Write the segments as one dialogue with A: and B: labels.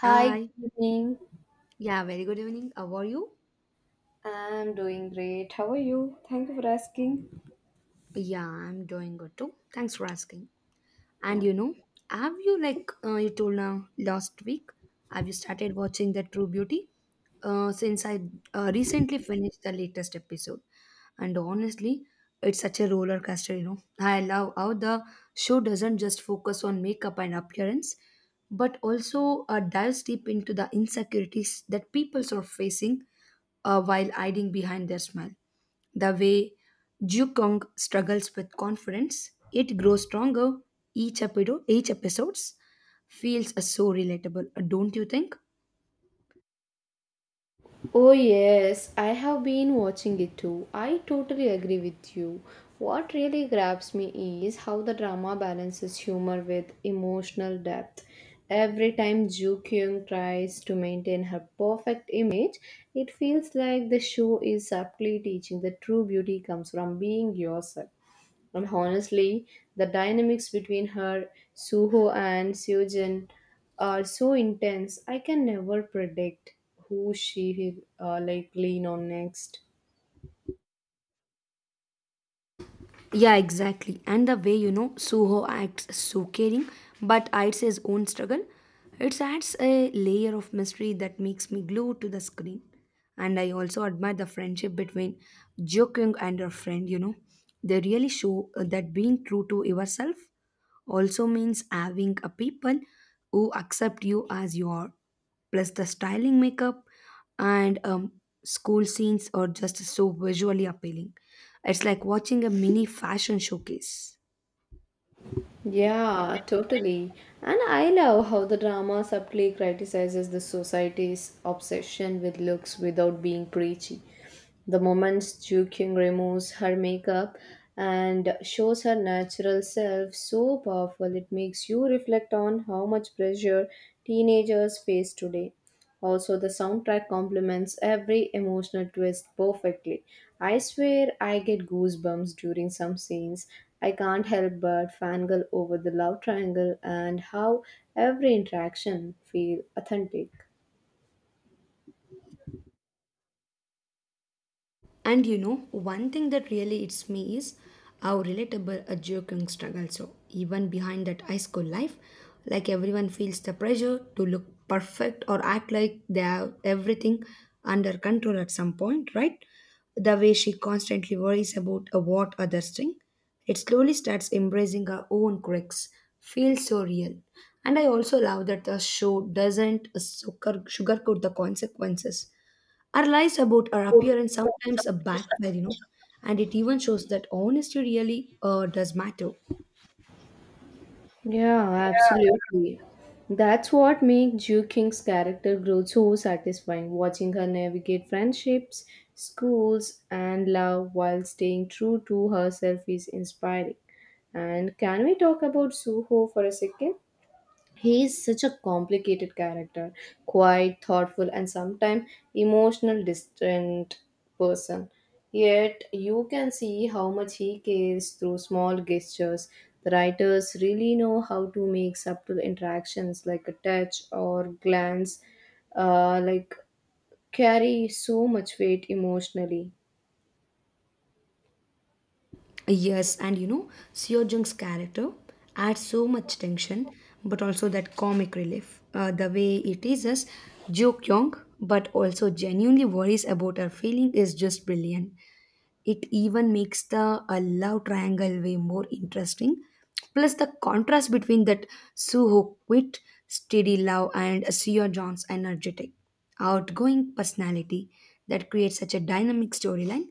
A: Hi,
B: I
A: good evening.
B: Yeah, very good evening. How are you?
A: I'm doing great. How are you? Thank you for asking.
B: Yeah, I'm doing good too. Thanks for asking. And
A: Yeah.
B: you know, have you you told now last week? Have you started watching the True Beauty? Since I recently finished the latest episode, and honestly, it's such a roller coaster. You know, I love how the show doesn't just focus on makeup and appearance, but also dives deep into the insecurities that people are facing while hiding behind their smile. The way Jukong struggles with confidence, it grows stronger each episode. Each episodes feels so relatable, don't you think?
A: Oh, yes, I have been watching it too. I totally agree with you. What really grabs me is how the drama balances humor with emotional depth. Every time Joo Kyung tries to maintain her perfect image, it feels like the show is subtly teaching that true beauty comes from being yourself. And honestly, the dynamics between her, Suho, and Seojin are so intense. I can never predict who she will lean on next.
B: Yeah, exactly. And the way you know Suho acts is so caring, but hides his own struggle. It adds a layer of mystery that makes me glued to the screen. And I also admire the friendship between Jokung and her friend, you know. They really show that being true to yourself also means having a people who accept you as you are, plus the styling, makeup, and school scenes are just so visually appealing. It's like watching a mini fashion showcase.
A: Yeah, totally. And I love how the drama subtly criticizes the society's obsession with looks without being preachy. The moment Joo Kyung removes her makeup and shows her natural self so powerful, it makes you reflect on how much pressure teenagers face today. Also, the soundtrack complements every emotional twist perfectly. I swear I get goosebumps during some scenes. I can't help but fangirl over the love triangle and how every interaction feels authentic.
B: And you know, one thing that really hits me is how relatable a joking struggle. So even behind that high school life, like everyone feels the pressure to look perfect or act like they have everything under control at some point, right? The way she constantly worries about what others think, it slowly starts embracing her own quirks. Feels so real. And I also love that the show doesn't sugarcoat the consequences. Our lies about our appearance sometimes are backfire, you know, and it even shows that honesty really does matter.
A: Yeah, absolutely. That's what makes Ju King's character growth so satisfying. Watching her navigate friendships, schools, and love while staying true to herself is inspiring. And can we talk about Suho for a second? He is such a complicated character, quiet, thoughtful, and sometimes emotional, distant person. Yet you can see how much he cares through small gestures. The writers really know how to make subtle interactions like a touch or glance, uh, like carry so much weight emotionally.
B: Yes, and you know, Seo Jung's character adds so much tension, but also that comic relief. The way it teases Jo Kyung, but also genuinely worries about her feeling is just brilliant. It even makes the love triangle way more interesting. Plus, the contrast between that Suho quit, steady love, and Seo John's energetic, outgoing personality, that creates such a dynamic storyline.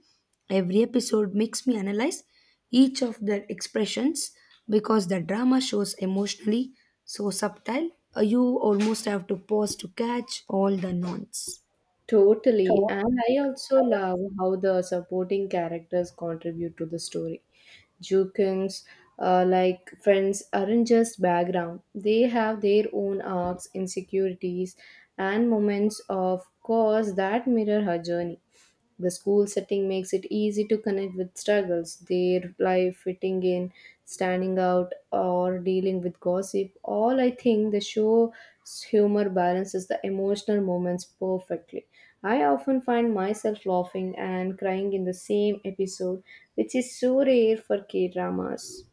B: Every episode makes me analyze each of their expressions because the drama shows emotionally so subtle, you almost have to pause to catch all the nuance.
A: Totally, and I also love how the supporting characters contribute to the story. Jukins, friends, aren't just background. They have their own arcs, insecurities, and moments of course that mirror her journey. The school setting makes it easy to connect with struggles, their life fitting in, standing out, or dealing with gossip. All I think the show's humor balances the emotional moments perfectly. I often find myself laughing and crying in the same episode, which is so rare for K dramas.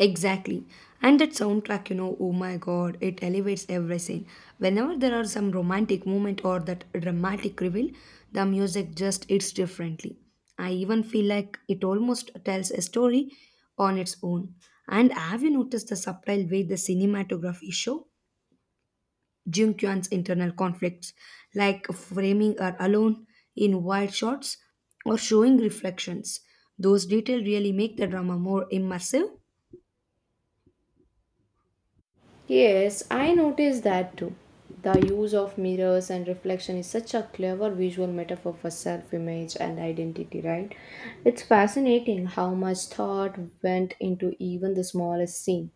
B: Exactly. And that soundtrack, you know, oh my god, it elevates every scene. Whenever there are some romantic moment or that dramatic reveal, the music just hits differently. I even feel like it almost tells a story on its own. And have you noticed the subtle way the cinematography show Jung Kyan's internal conflicts, like framing her alone in wide shots or showing reflections? Those details really make the drama more immersive.
A: Yes, I noticed that too. The use of mirrors and reflection is such a clever visual metaphor for self image and identity, right? It's fascinating how much thought went into even the smallest scene.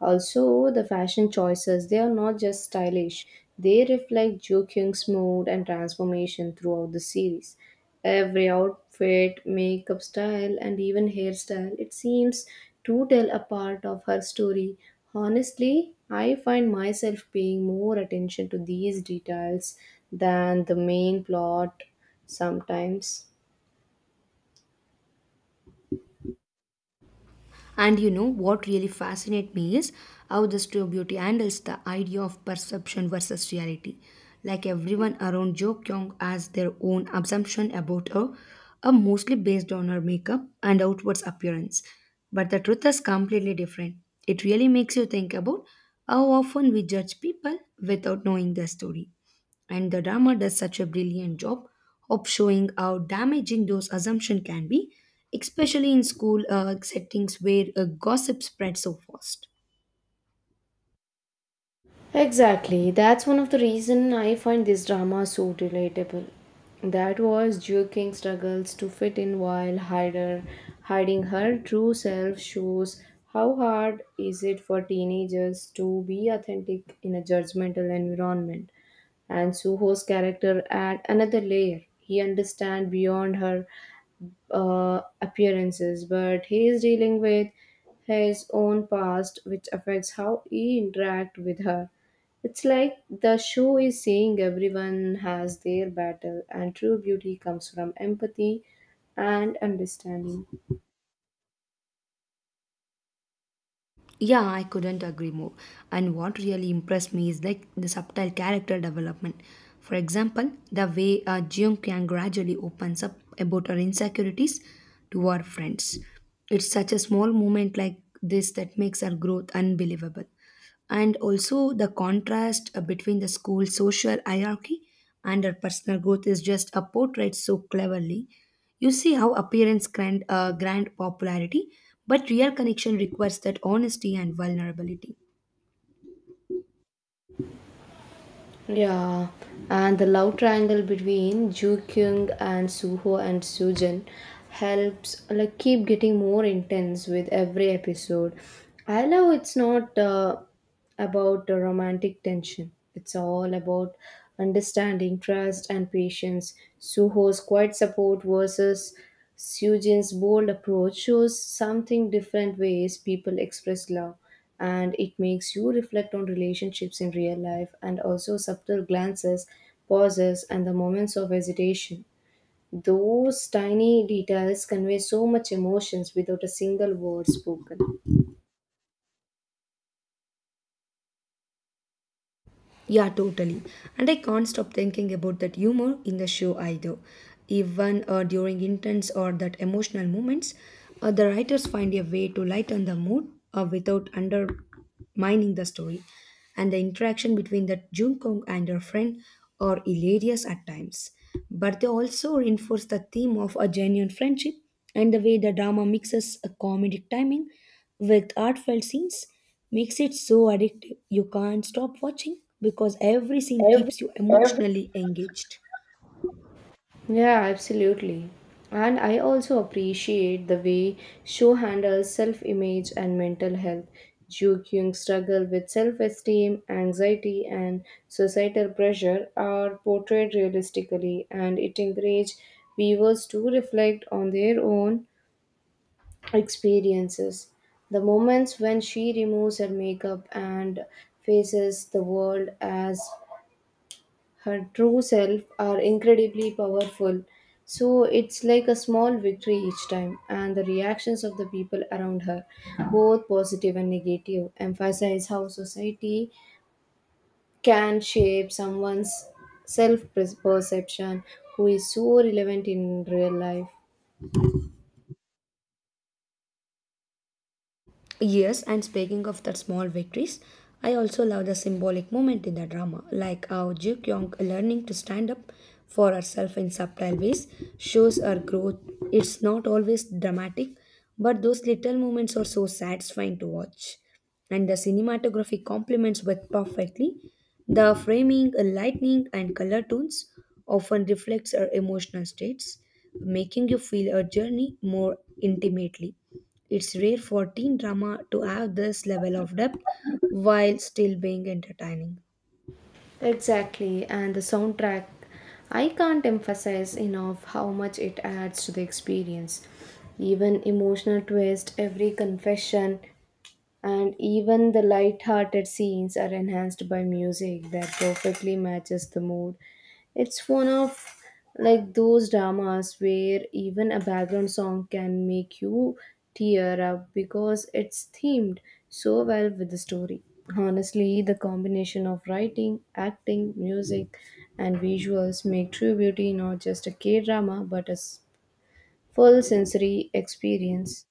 A: Also, the fashion choices, they are not just stylish, they reflect Jo Kyung's mood and transformation throughout the series. Every outfit, makeup style, and even hairstyle, it seems to tell a part of her story. Honestly, I find myself paying more attention to these details than the main plot sometimes.
B: And you know what really fascinates me is how the studio beauty handles the idea of perception versus reality. Like everyone around Jo Kyung has their own assumption about her, are mostly based on her makeup and outward appearance. But the truth is completely different. It really makes you think about how often we judge people without knowing their story. And the drama does such a brilliant job of showing how damaging those assumptions can be, especially in school settings where gossip spreads so fast.
A: Exactly. That's one of the reason I find this drama so relatable. That was Jiu King struggles to fit in while hiding her true self shows how hard is it for teenagers to be authentic in a judgmental environment. And Suho's character add another layer. He understand beyond her appearances, but he is dealing with his own past, which affects how he interact with her. It's like the show is saying everyone has their battle, and true beauty comes from empathy and understanding.
B: Yeah, I couldn't agree more. And what really impressed me is like the subtle character development. For example, the way Jeong Kyang gradually opens up about her insecurities to her friends. It's such a small moment like this that makes her growth unbelievable. And also the contrast between the school social hierarchy and her personal growth is just a portrait so cleverly. You see how appearance grant grand popularity, but real connection requires that honesty and vulnerability.
A: Yeah, and the love triangle between Joo Kyung and Suho and Sujin helps like keep getting more intense with every episode. I love it's not about the romantic tension. It's all about understanding, trust, and patience. Suho's quiet support versus Sujin's bold approach shows something different ways people express love, and it makes you reflect on relationships in real life and also subtle glances, pauses, and the moments of hesitation. Those tiny details convey so much emotions without a single word spoken.
B: Yeah, totally. And I can't stop thinking about that humor in the show either. Even during intense or that emotional moments, the writers find a way to lighten the mood without undermining the story. And the interaction between the Junkong and her friend are hilarious at times. But they also reinforce the theme of a genuine friendship, and the way the drama mixes a comedic timing with heartfelt scenes makes it so addictive. You can't stop watching because every scene keeps you emotionally engaged.
A: Yeah, absolutely. And I also appreciate the way show handles self image and mental health. Ju Kyung's struggle with self esteem, anxiety, and societal pressure are portrayed realistically, and it encourages viewers to reflect on their own experiences. The moments when she removes her makeup and faces the world as her true self are incredibly powerful. So it's like a small victory each time, and the reactions of the people around her, both positive and negative, emphasize how society can shape someone's self perception who is so relevant in real life.
B: Yes, and speaking of that small victories, I also love the symbolic moment in the drama, like how Ju Kyung learning to stand up for herself in subtle ways shows her growth. It's not always dramatic, but those little moments are so satisfying to watch. And the cinematography complements with perfectly. The framing, lighting, and color tones often reflects her emotional states, making you feel her journey more intimately. It's rare for teen drama to have this level of depth while still being entertaining.
A: Exactly, and the soundtrack, I can't emphasize enough how much it adds to the experience. Even emotional twist, every confession, and even the light-hearted scenes are enhanced by music that perfectly matches the mood. It's one of those dramas where even a background song can make you tear up because it's themed so well with the story. Honestly, the combination of writing, acting, music, and visuals make true beauty not just a k-drama, but a full sensory experience.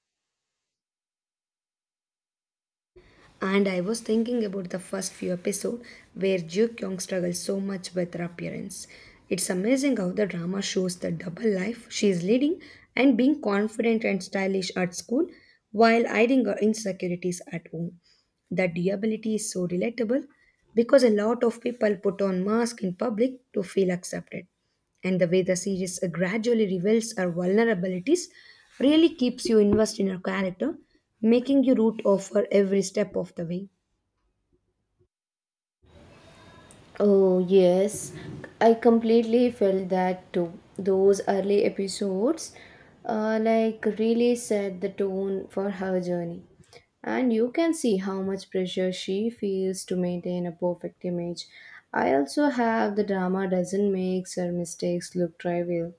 B: And I was thinking about the first few episodes where Joo Kyung struggles so much with her appearance. It's amazing how the drama shows the double life she is leading and being confident and stylish at school while hiding her insecurities at home. That durability is so relatable because a lot of people put on masks in public to feel accepted. And the way the series gradually reveals her vulnerabilities really keeps you invested in her character, making you root of her every step of the way.
A: Oh, yes. I completely felt that too. Those early episodes, really set the tone for her journey. And you can see how much pressure she feels to maintain a perfect image. I also have the drama doesn't make her mistakes look trivial.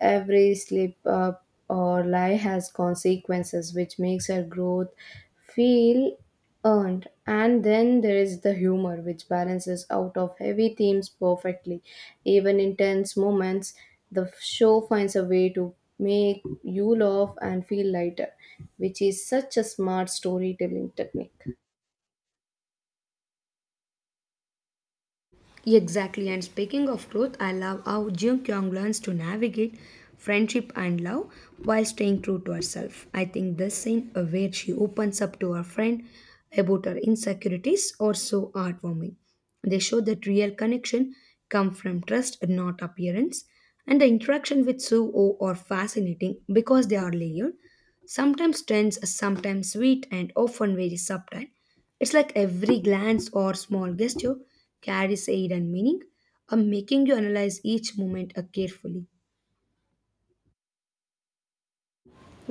A: Every slip up or lie has consequences, which makes her growth feel earned. And then there is the humor, which balances out of heavy themes perfectly. Even in tense moments, the show finds a way to make you laugh and feel lighter, which is such a smart storytelling technique.
B: Exactly, and speaking of growth, I love how Jung Kyung learns to navigate friendship and love while staying true to herself. I think this scene where she opens up to her friend about her insecurities or so heartwarming. They show that real connection come from trust, not appearance. And the interaction with Suo are fascinating because they are layered, sometimes tense, sometimes sweet, and often very subtle. It's like every glance or small gesture carries a hidden meaning, making you analyze each moment carefully.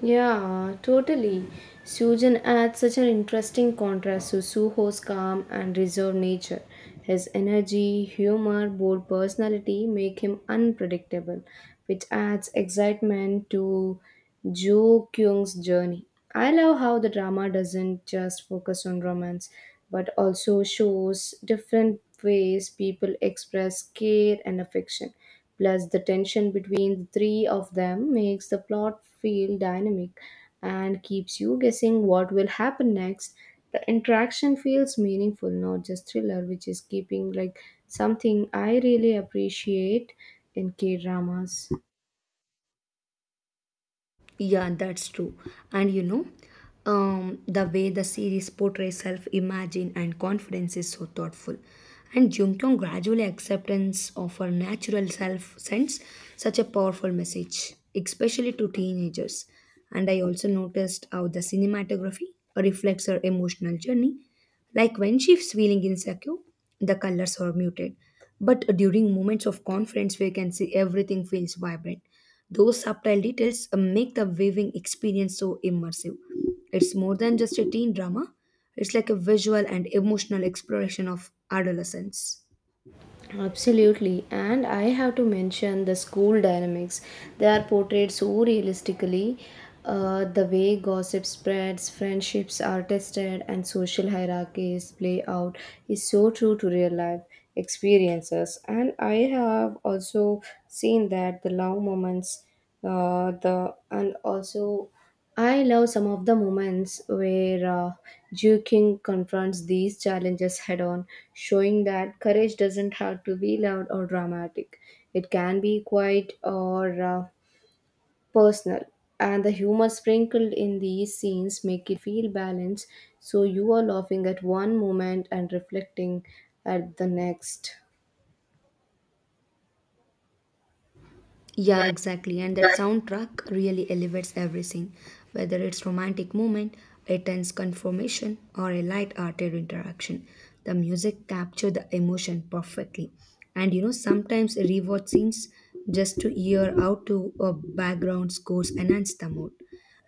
A: Yeah, totally. Sujan adds such an interesting contrast to Suho's calm and reserved nature. His energy, humor, bold personality make him unpredictable, which adds excitement to Jo Kyung's journey. I love how the drama doesn't just focus on romance, but also shows different ways people express care and affection. Plus, the tension between the three of them makes the plot feel dynamic and keeps you guessing what will happen next. The interaction feels meaningful, not just thriller, which is keeping like something I really appreciate in K dramas.
B: Yeah, that's true. And you know, the way the series portrays self imagine and confidence is so thoughtful. And Jung Kyung gradually acceptance of her natural self sends such a powerful message, especially to teenagers. And I also noticed how the cinematography reflects her emotional journey. Like when she's feeling insecure, the colors are muted. But during moments of confidence, we can see everything feels vibrant. Those subtle details make the viewing experience so immersive. It's more than just a teen drama, it's like a visual and emotional exploration of adolescence.
A: Absolutely, and I have to mention the school dynamics. They are portrayed so realistically. The way gossip spreads, friendships are tested, and social hierarchies play out is so true to real life experiences. And I have also seen that the love moments, the and also I love some of the moments where Ju King confronts these challenges head on, showing that courage doesn't have to be loud or dramatic. It can be quiet or personal. And the humor sprinkled in these scenes make it feel balanced, so you are laughing at one moment and reflecting at the next.
B: Yeah, exactly. And that soundtrack really elevates everything, whether it's romantic moment, a tense confirmation, or a light-hearted interaction. The music capture the emotion perfectly. And you know, sometimes rewatch scenes just to hear how to a background scores enhance the mood.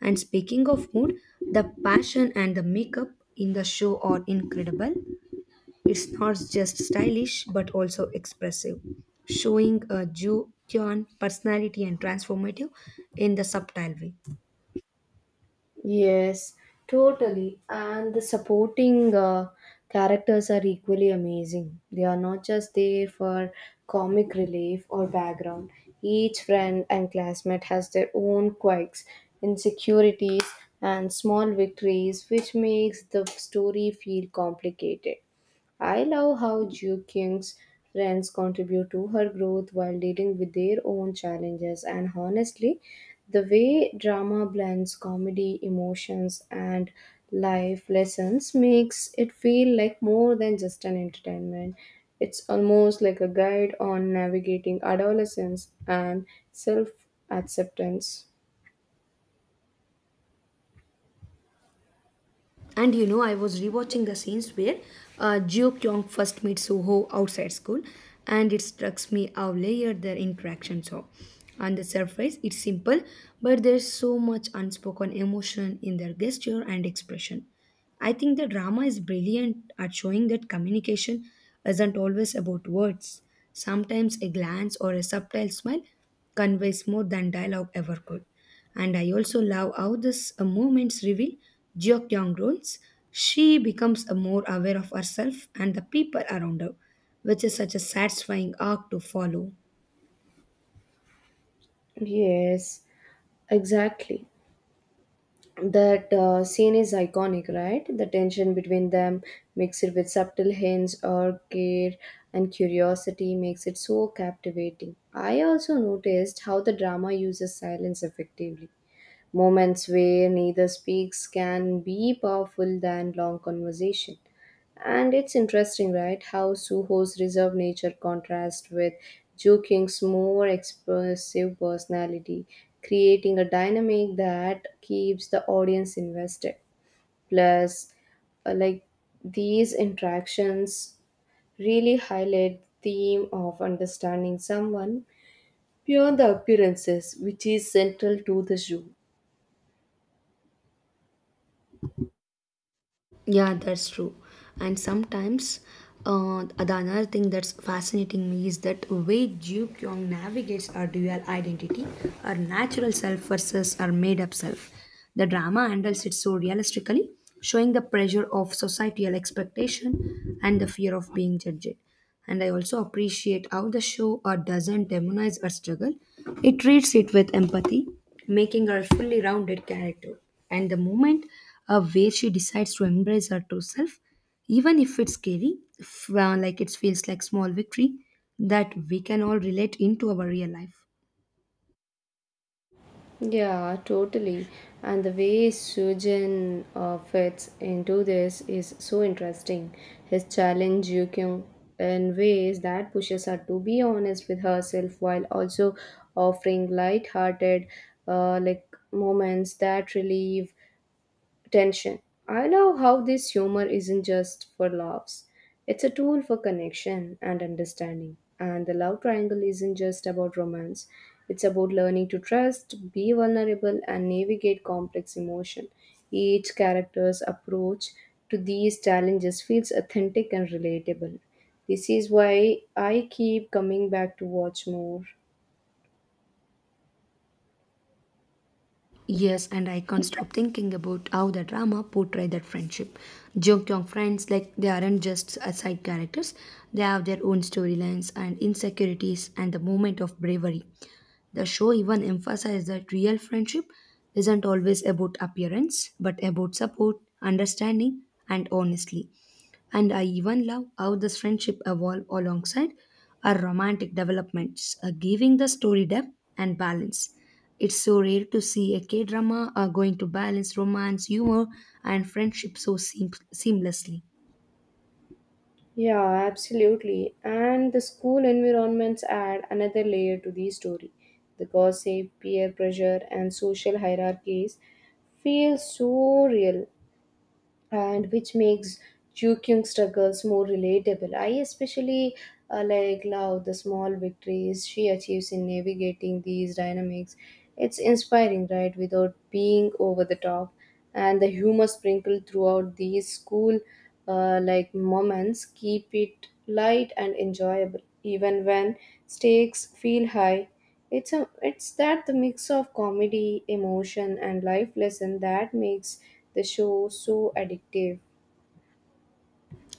B: And speaking of mood, the passion and the makeup in the show are incredible. It's not just stylish but also expressive, showing a Ju Kyun personality and transformative in the subtle way.
A: Yes, totally. And the supporting characters are equally amazing. They are not just there for comic relief or background. Each friend and classmate has their own quirks, insecurities, and small victories, which makes the story feel complicated. I love how Ju King's friends contribute to her growth while dealing with their own challenges, and honestly, the way drama blends comedy, emotions, and life lessons makes it feel like more than just an entertainment. It's almost like a guide on navigating adolescence and self acceptance.
B: And you know, I was rewatching the scenes where Jeo Kyung first meets Soho outside school, and it struck me how layered their interactions are. On the surface, it's simple, but there's so much unspoken emotion in their gesture and expression. I think the drama is brilliant at showing that communication isn't always about words. Sometimes a glance or a subtle smile conveys more than dialogue ever could. And I also love how this moments reveal Jeokyeong roles. She becomes more aware of herself and the people around her, which is such a satisfying arc to follow.
A: Yes, exactly. That scene is iconic, right? The tension between them, mixed with subtle hints or care and curiosity, makes it so captivating. I also noticed how the drama uses silence effectively. Moments where neither speaks can be powerful than long conversation. And it's interesting, right, how Suho's reserved nature contrasts with Jo King's more expressive personality, creating a dynamic that keeps the audience invested. Plus, uh, like these interactions really highlight the theme of understanding someone beyond the appearances, which is central to the show.
B: Yeah, that's true. And sometimes the another thing that's fascinating me is that way Ju Kyung navigates our dual identity, our natural self versus our made up self. The drama handles it so realistically, showing the pressure of societal expectation and the fear of being judged. And I also appreciate how the show doesn't demonize our struggle, it treats it with empathy, making her a fully rounded character. And the moment where she decides to embrace her true self, even if it's scary, if, like it feels like small victory that we can all relate into our real life.
A: Yeah, totally. And the way Sujan fits into this is so interesting. His challenge Yukyung in ways that pushes her to be honest with herself while also offering light-hearted moments that relieve tension. I love how this humor isn't just for laughs, it's a tool for connection and understanding. And the love triangle isn't just about romance, it's about learning to trust, be vulnerable, and navigate complex emotion. Each character's approach to these challenges feels authentic and relatable. This is why I keep coming back to watch more.
B: Yes, and I can't stop thinking about how the drama portrayed that friendship. Jung Kyung friends, like they aren't just side characters, they have their own storylines and insecurities and the moment of bravery. The show even emphasized that real friendship isn't always about appearance, but about support, understanding, and honestly. And I even love how this friendship evolved alongside our romantic developments, giving the story depth and balance. It's so rare to see a K drama going to balance romance, humor, and friendship so seamlessly.
A: Yeah, absolutely. And the school environments add another layer to the story. The gossip, peer pressure, and social hierarchies feel so real, and which makes Jukyung struggles more relatable. I especially love the small victories she achieves in navigating these dynamics. It's inspiring, right? Without being over the top. And the humor sprinkled throughout these school moments keep it light and enjoyable even when stakes feel high. It's a it's that the mix of comedy, emotion, and life lesson that makes the show so addictive.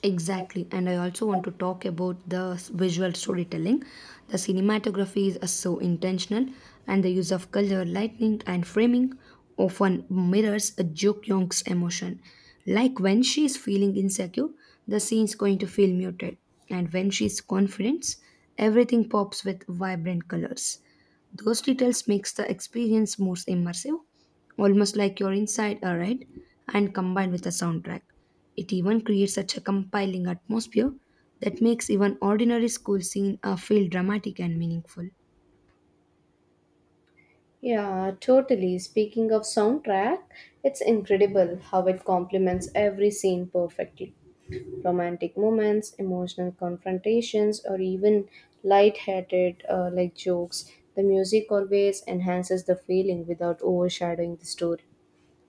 B: Exactly, and I also want to talk about the visual storytelling. The cinematography is so intentional, and the use of color, lighting, and framing often mirrors a Juk Young's emotion. Like when she is feeling insecure, the scene is going to feel muted, and when she is confident, everything pops with vibrant colors. Those details makes the experience more immersive, almost like you're inside a ride, and combined with a soundtrack. It even creates such a compiling atmosphere that makes even ordinary school scene feel dramatic and meaningful.
A: Yeah, totally. Speaking of soundtrack, it's incredible how it complements every scene perfectly. Romantic moments, emotional confrontations, or even light-hearted jokes. The music always enhances the feeling without overshadowing the story.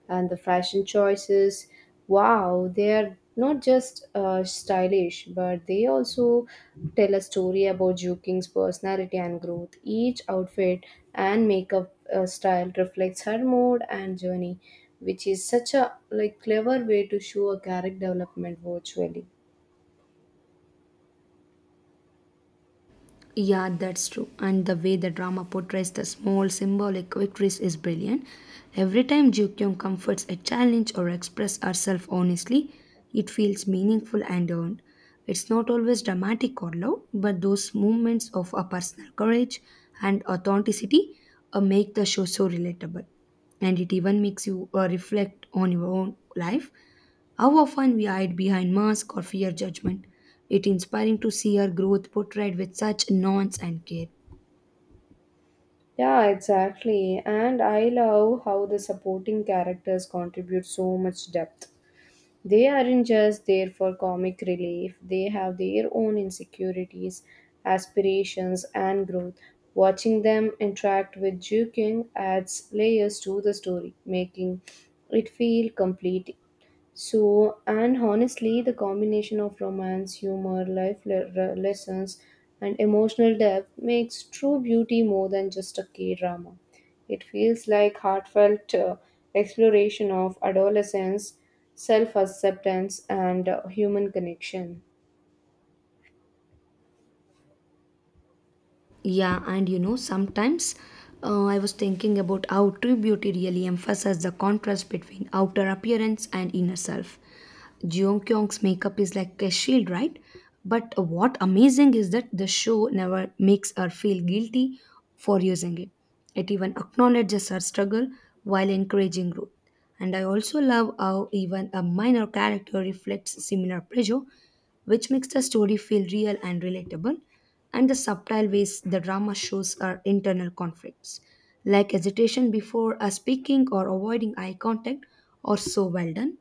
A: And the fashion choices, wow, they are not just stylish, but they also tell a story about Ju King's personality and growth. Each outfit and makeup style reflects her mood and journey, which is such a like clever way to show a character development virtually.
B: Yeah, that's true. And the way the drama portrays the small symbolic victories is brilliant. Every time Jukyong comforts a challenge or expresses herself honestly, it feels meaningful and earned. It's not always dramatic or loud, but those moments of a personal courage and authenticity make the show so relatable. And it even makes you reflect on your own life how often we hide behind mask or fear judgment. It's inspiring to see her growth portrayed with such nuance and care.
A: Yeah, exactly. And I love how the supporting characters contribute so much depth. They aren't just there for comic relief, they have their own insecurities, aspirations, and growth. Watching them interact with Ju King adds layers to the story, making it feel complete. So, and honestly, the combination of romance, humor, lessons, and emotional depth makes true beauty more than just a K drama. It feels like heartfelt exploration of adolescence, self acceptance, and human connection.
B: Yeah, and you know, sometimes I was thinking about how true beauty really emphasizes the contrast between outer appearance and inner self. Jeong Kyung's makeup is like a shield, right? But what amazing is that the show never makes her feel guilty for using it. It even acknowledges her struggle while encouraging growth. And I also love how even a minor character reflects similar pressure, which makes the story feel real and relatable, and the subtle ways the drama shows our internal conflicts, like hesitation before a speaking or avoiding eye contact, are so well done.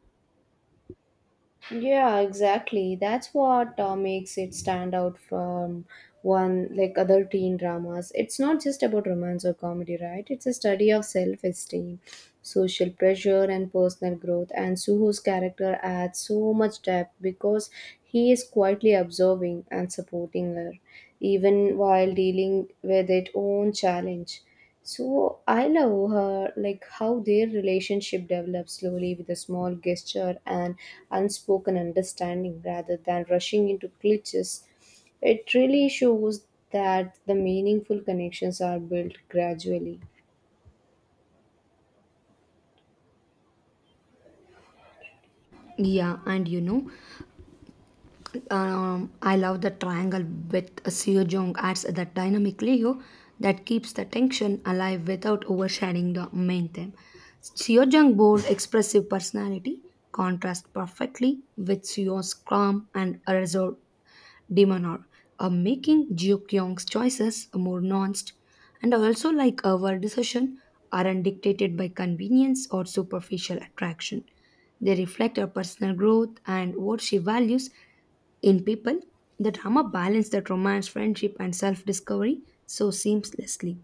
A: Yeah, exactly. That's what makes it stand out from one like other teen dramas. It's not just about romance or comedy, right? It's a study of self esteem, social pressure, and personal growth. And Suho's character adds so much depth because he is quietly observing and supporting her, even while dealing with its own challenge. So I love her, like how their relationship develops slowly with a small gesture and unspoken understanding rather than rushing into glitches. It really shows that the meaningful connections are built gradually.
B: Yeah, and you know, I love the triangle with Seo Jong adds that dynamic Leo that keeps the tension alive without overshadowing the main theme. Seo Jong bold, expressive personality contrasts perfectly with Seo's calm and reserved Demonor, making Joo Kyung's choices more nuanced, and also like our decision aren't dictated by convenience or superficial attraction. They reflect her personal growth and what she values in people. The drama balanced that romance, friendship, and self-discovery so seamlessly.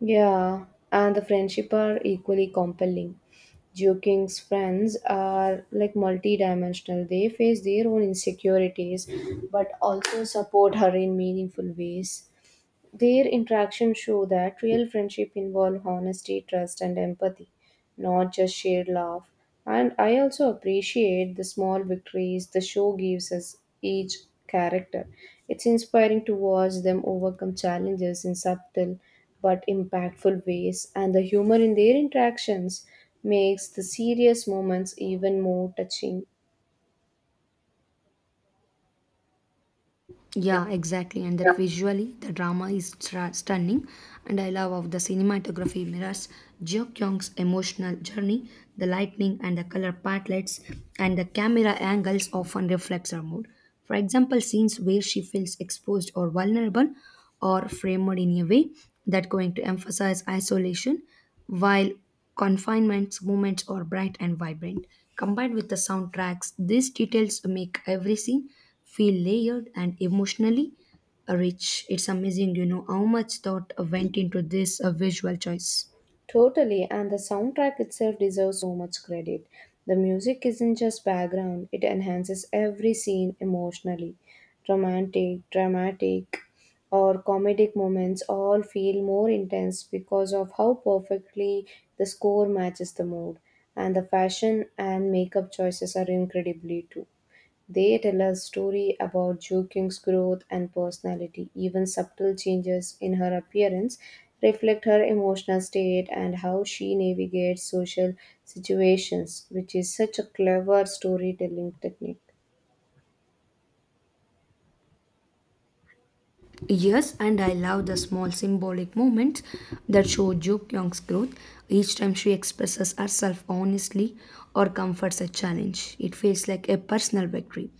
A: Yeah, and the friendship are equally compelling. Joking's friends are like multidimensional. They face their own insecurities, but also support her in meaningful ways. Their interactions show that real friendship involve honesty, trust, and empathy, not just shared love. And I also appreciate the small victories the show gives us each character. It's inspiring to watch them overcome challenges in subtle but impactful ways, and the humor in their interactions makes the serious moments even more touching.
B: Yeah, exactly. And that Yeah. visually, the drama is stunning. And I love of the cinematography mirrors Jo Kyung's emotional journey, the lightning and the color palettes, and the camera angles often reflects her mood. For example, scenes where she feels exposed or vulnerable, or framed in a way that going to emphasize isolation, while Confinement's movements are bright and vibrant. Combined with the soundtracks, these details make every scene feel layered and emotionally rich. It's amazing, you know, how much thought went into this visual choice.
A: Totally, and the soundtrack itself deserves so much credit. The music isn't just background, it enhances every scene emotionally. Romantic, dramatic, or comedic moments all feel more intense because of how perfectly the score matches the mood. And the fashion and makeup choices are incredibly too. They tell a story about Jo Kyung's growth and personality. Even subtle changes in her appearance reflect her emotional state and how she navigates social situations, which is such a clever storytelling technique.
B: Yes, and I love the small symbolic moments that show Jo Kyung's growth. Each time she expresses herself honestly or comforts a challenge, it feels like a personal victory.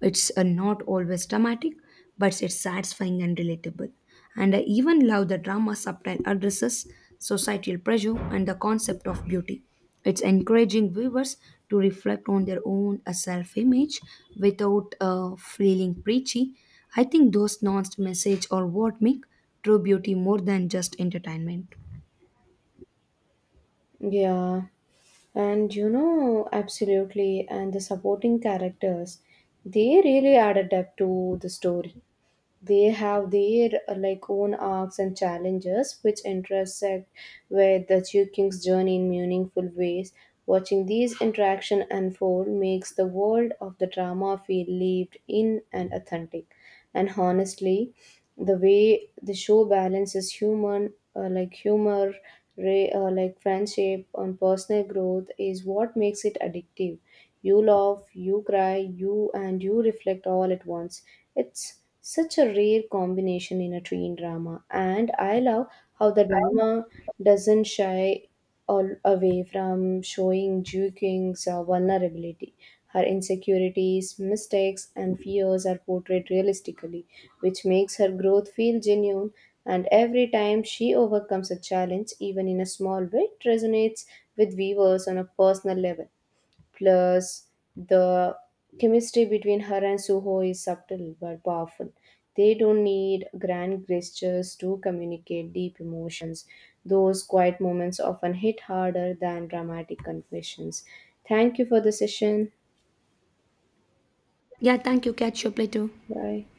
B: It's not always dramatic, but it's satisfying and relatable. And I even love the drama subtle addresses societal pressure and the concept of beauty. It's encouraging viewers to reflect on their own self image without feeling preachy. I think those nuanced message are what make true beauty more than just entertainment.
A: Yeah, absolutely. And the supporting characters, they really add a depth to the story. They have their own arcs and challenges which intersect with the two kings journey in meaningful ways. Watching these interaction unfold makes the world of the drama feel lived in and authentic. And honestly, the way the show balances human humor, friendship, and personal growth is what makes it addictive. You laugh, you cry, you and you reflect all at once. It's such a rare combination in a teen drama, and I love how the drama doesn't shy all away from showing Ju King's vulnerability. Her insecurities, mistakes, and fears are portrayed realistically, which makes her growth feel genuine. And every time she overcomes a challenge, even in a small way, it resonates with viewers on a personal level. Plus, the chemistry between her and Suho is subtle but powerful. They don't need grand gestures to communicate deep emotions. Those quiet moments often hit harder than dramatic confessions. Thank you for the session.
B: Yeah, thank you. Catch you up later.
A: Bye.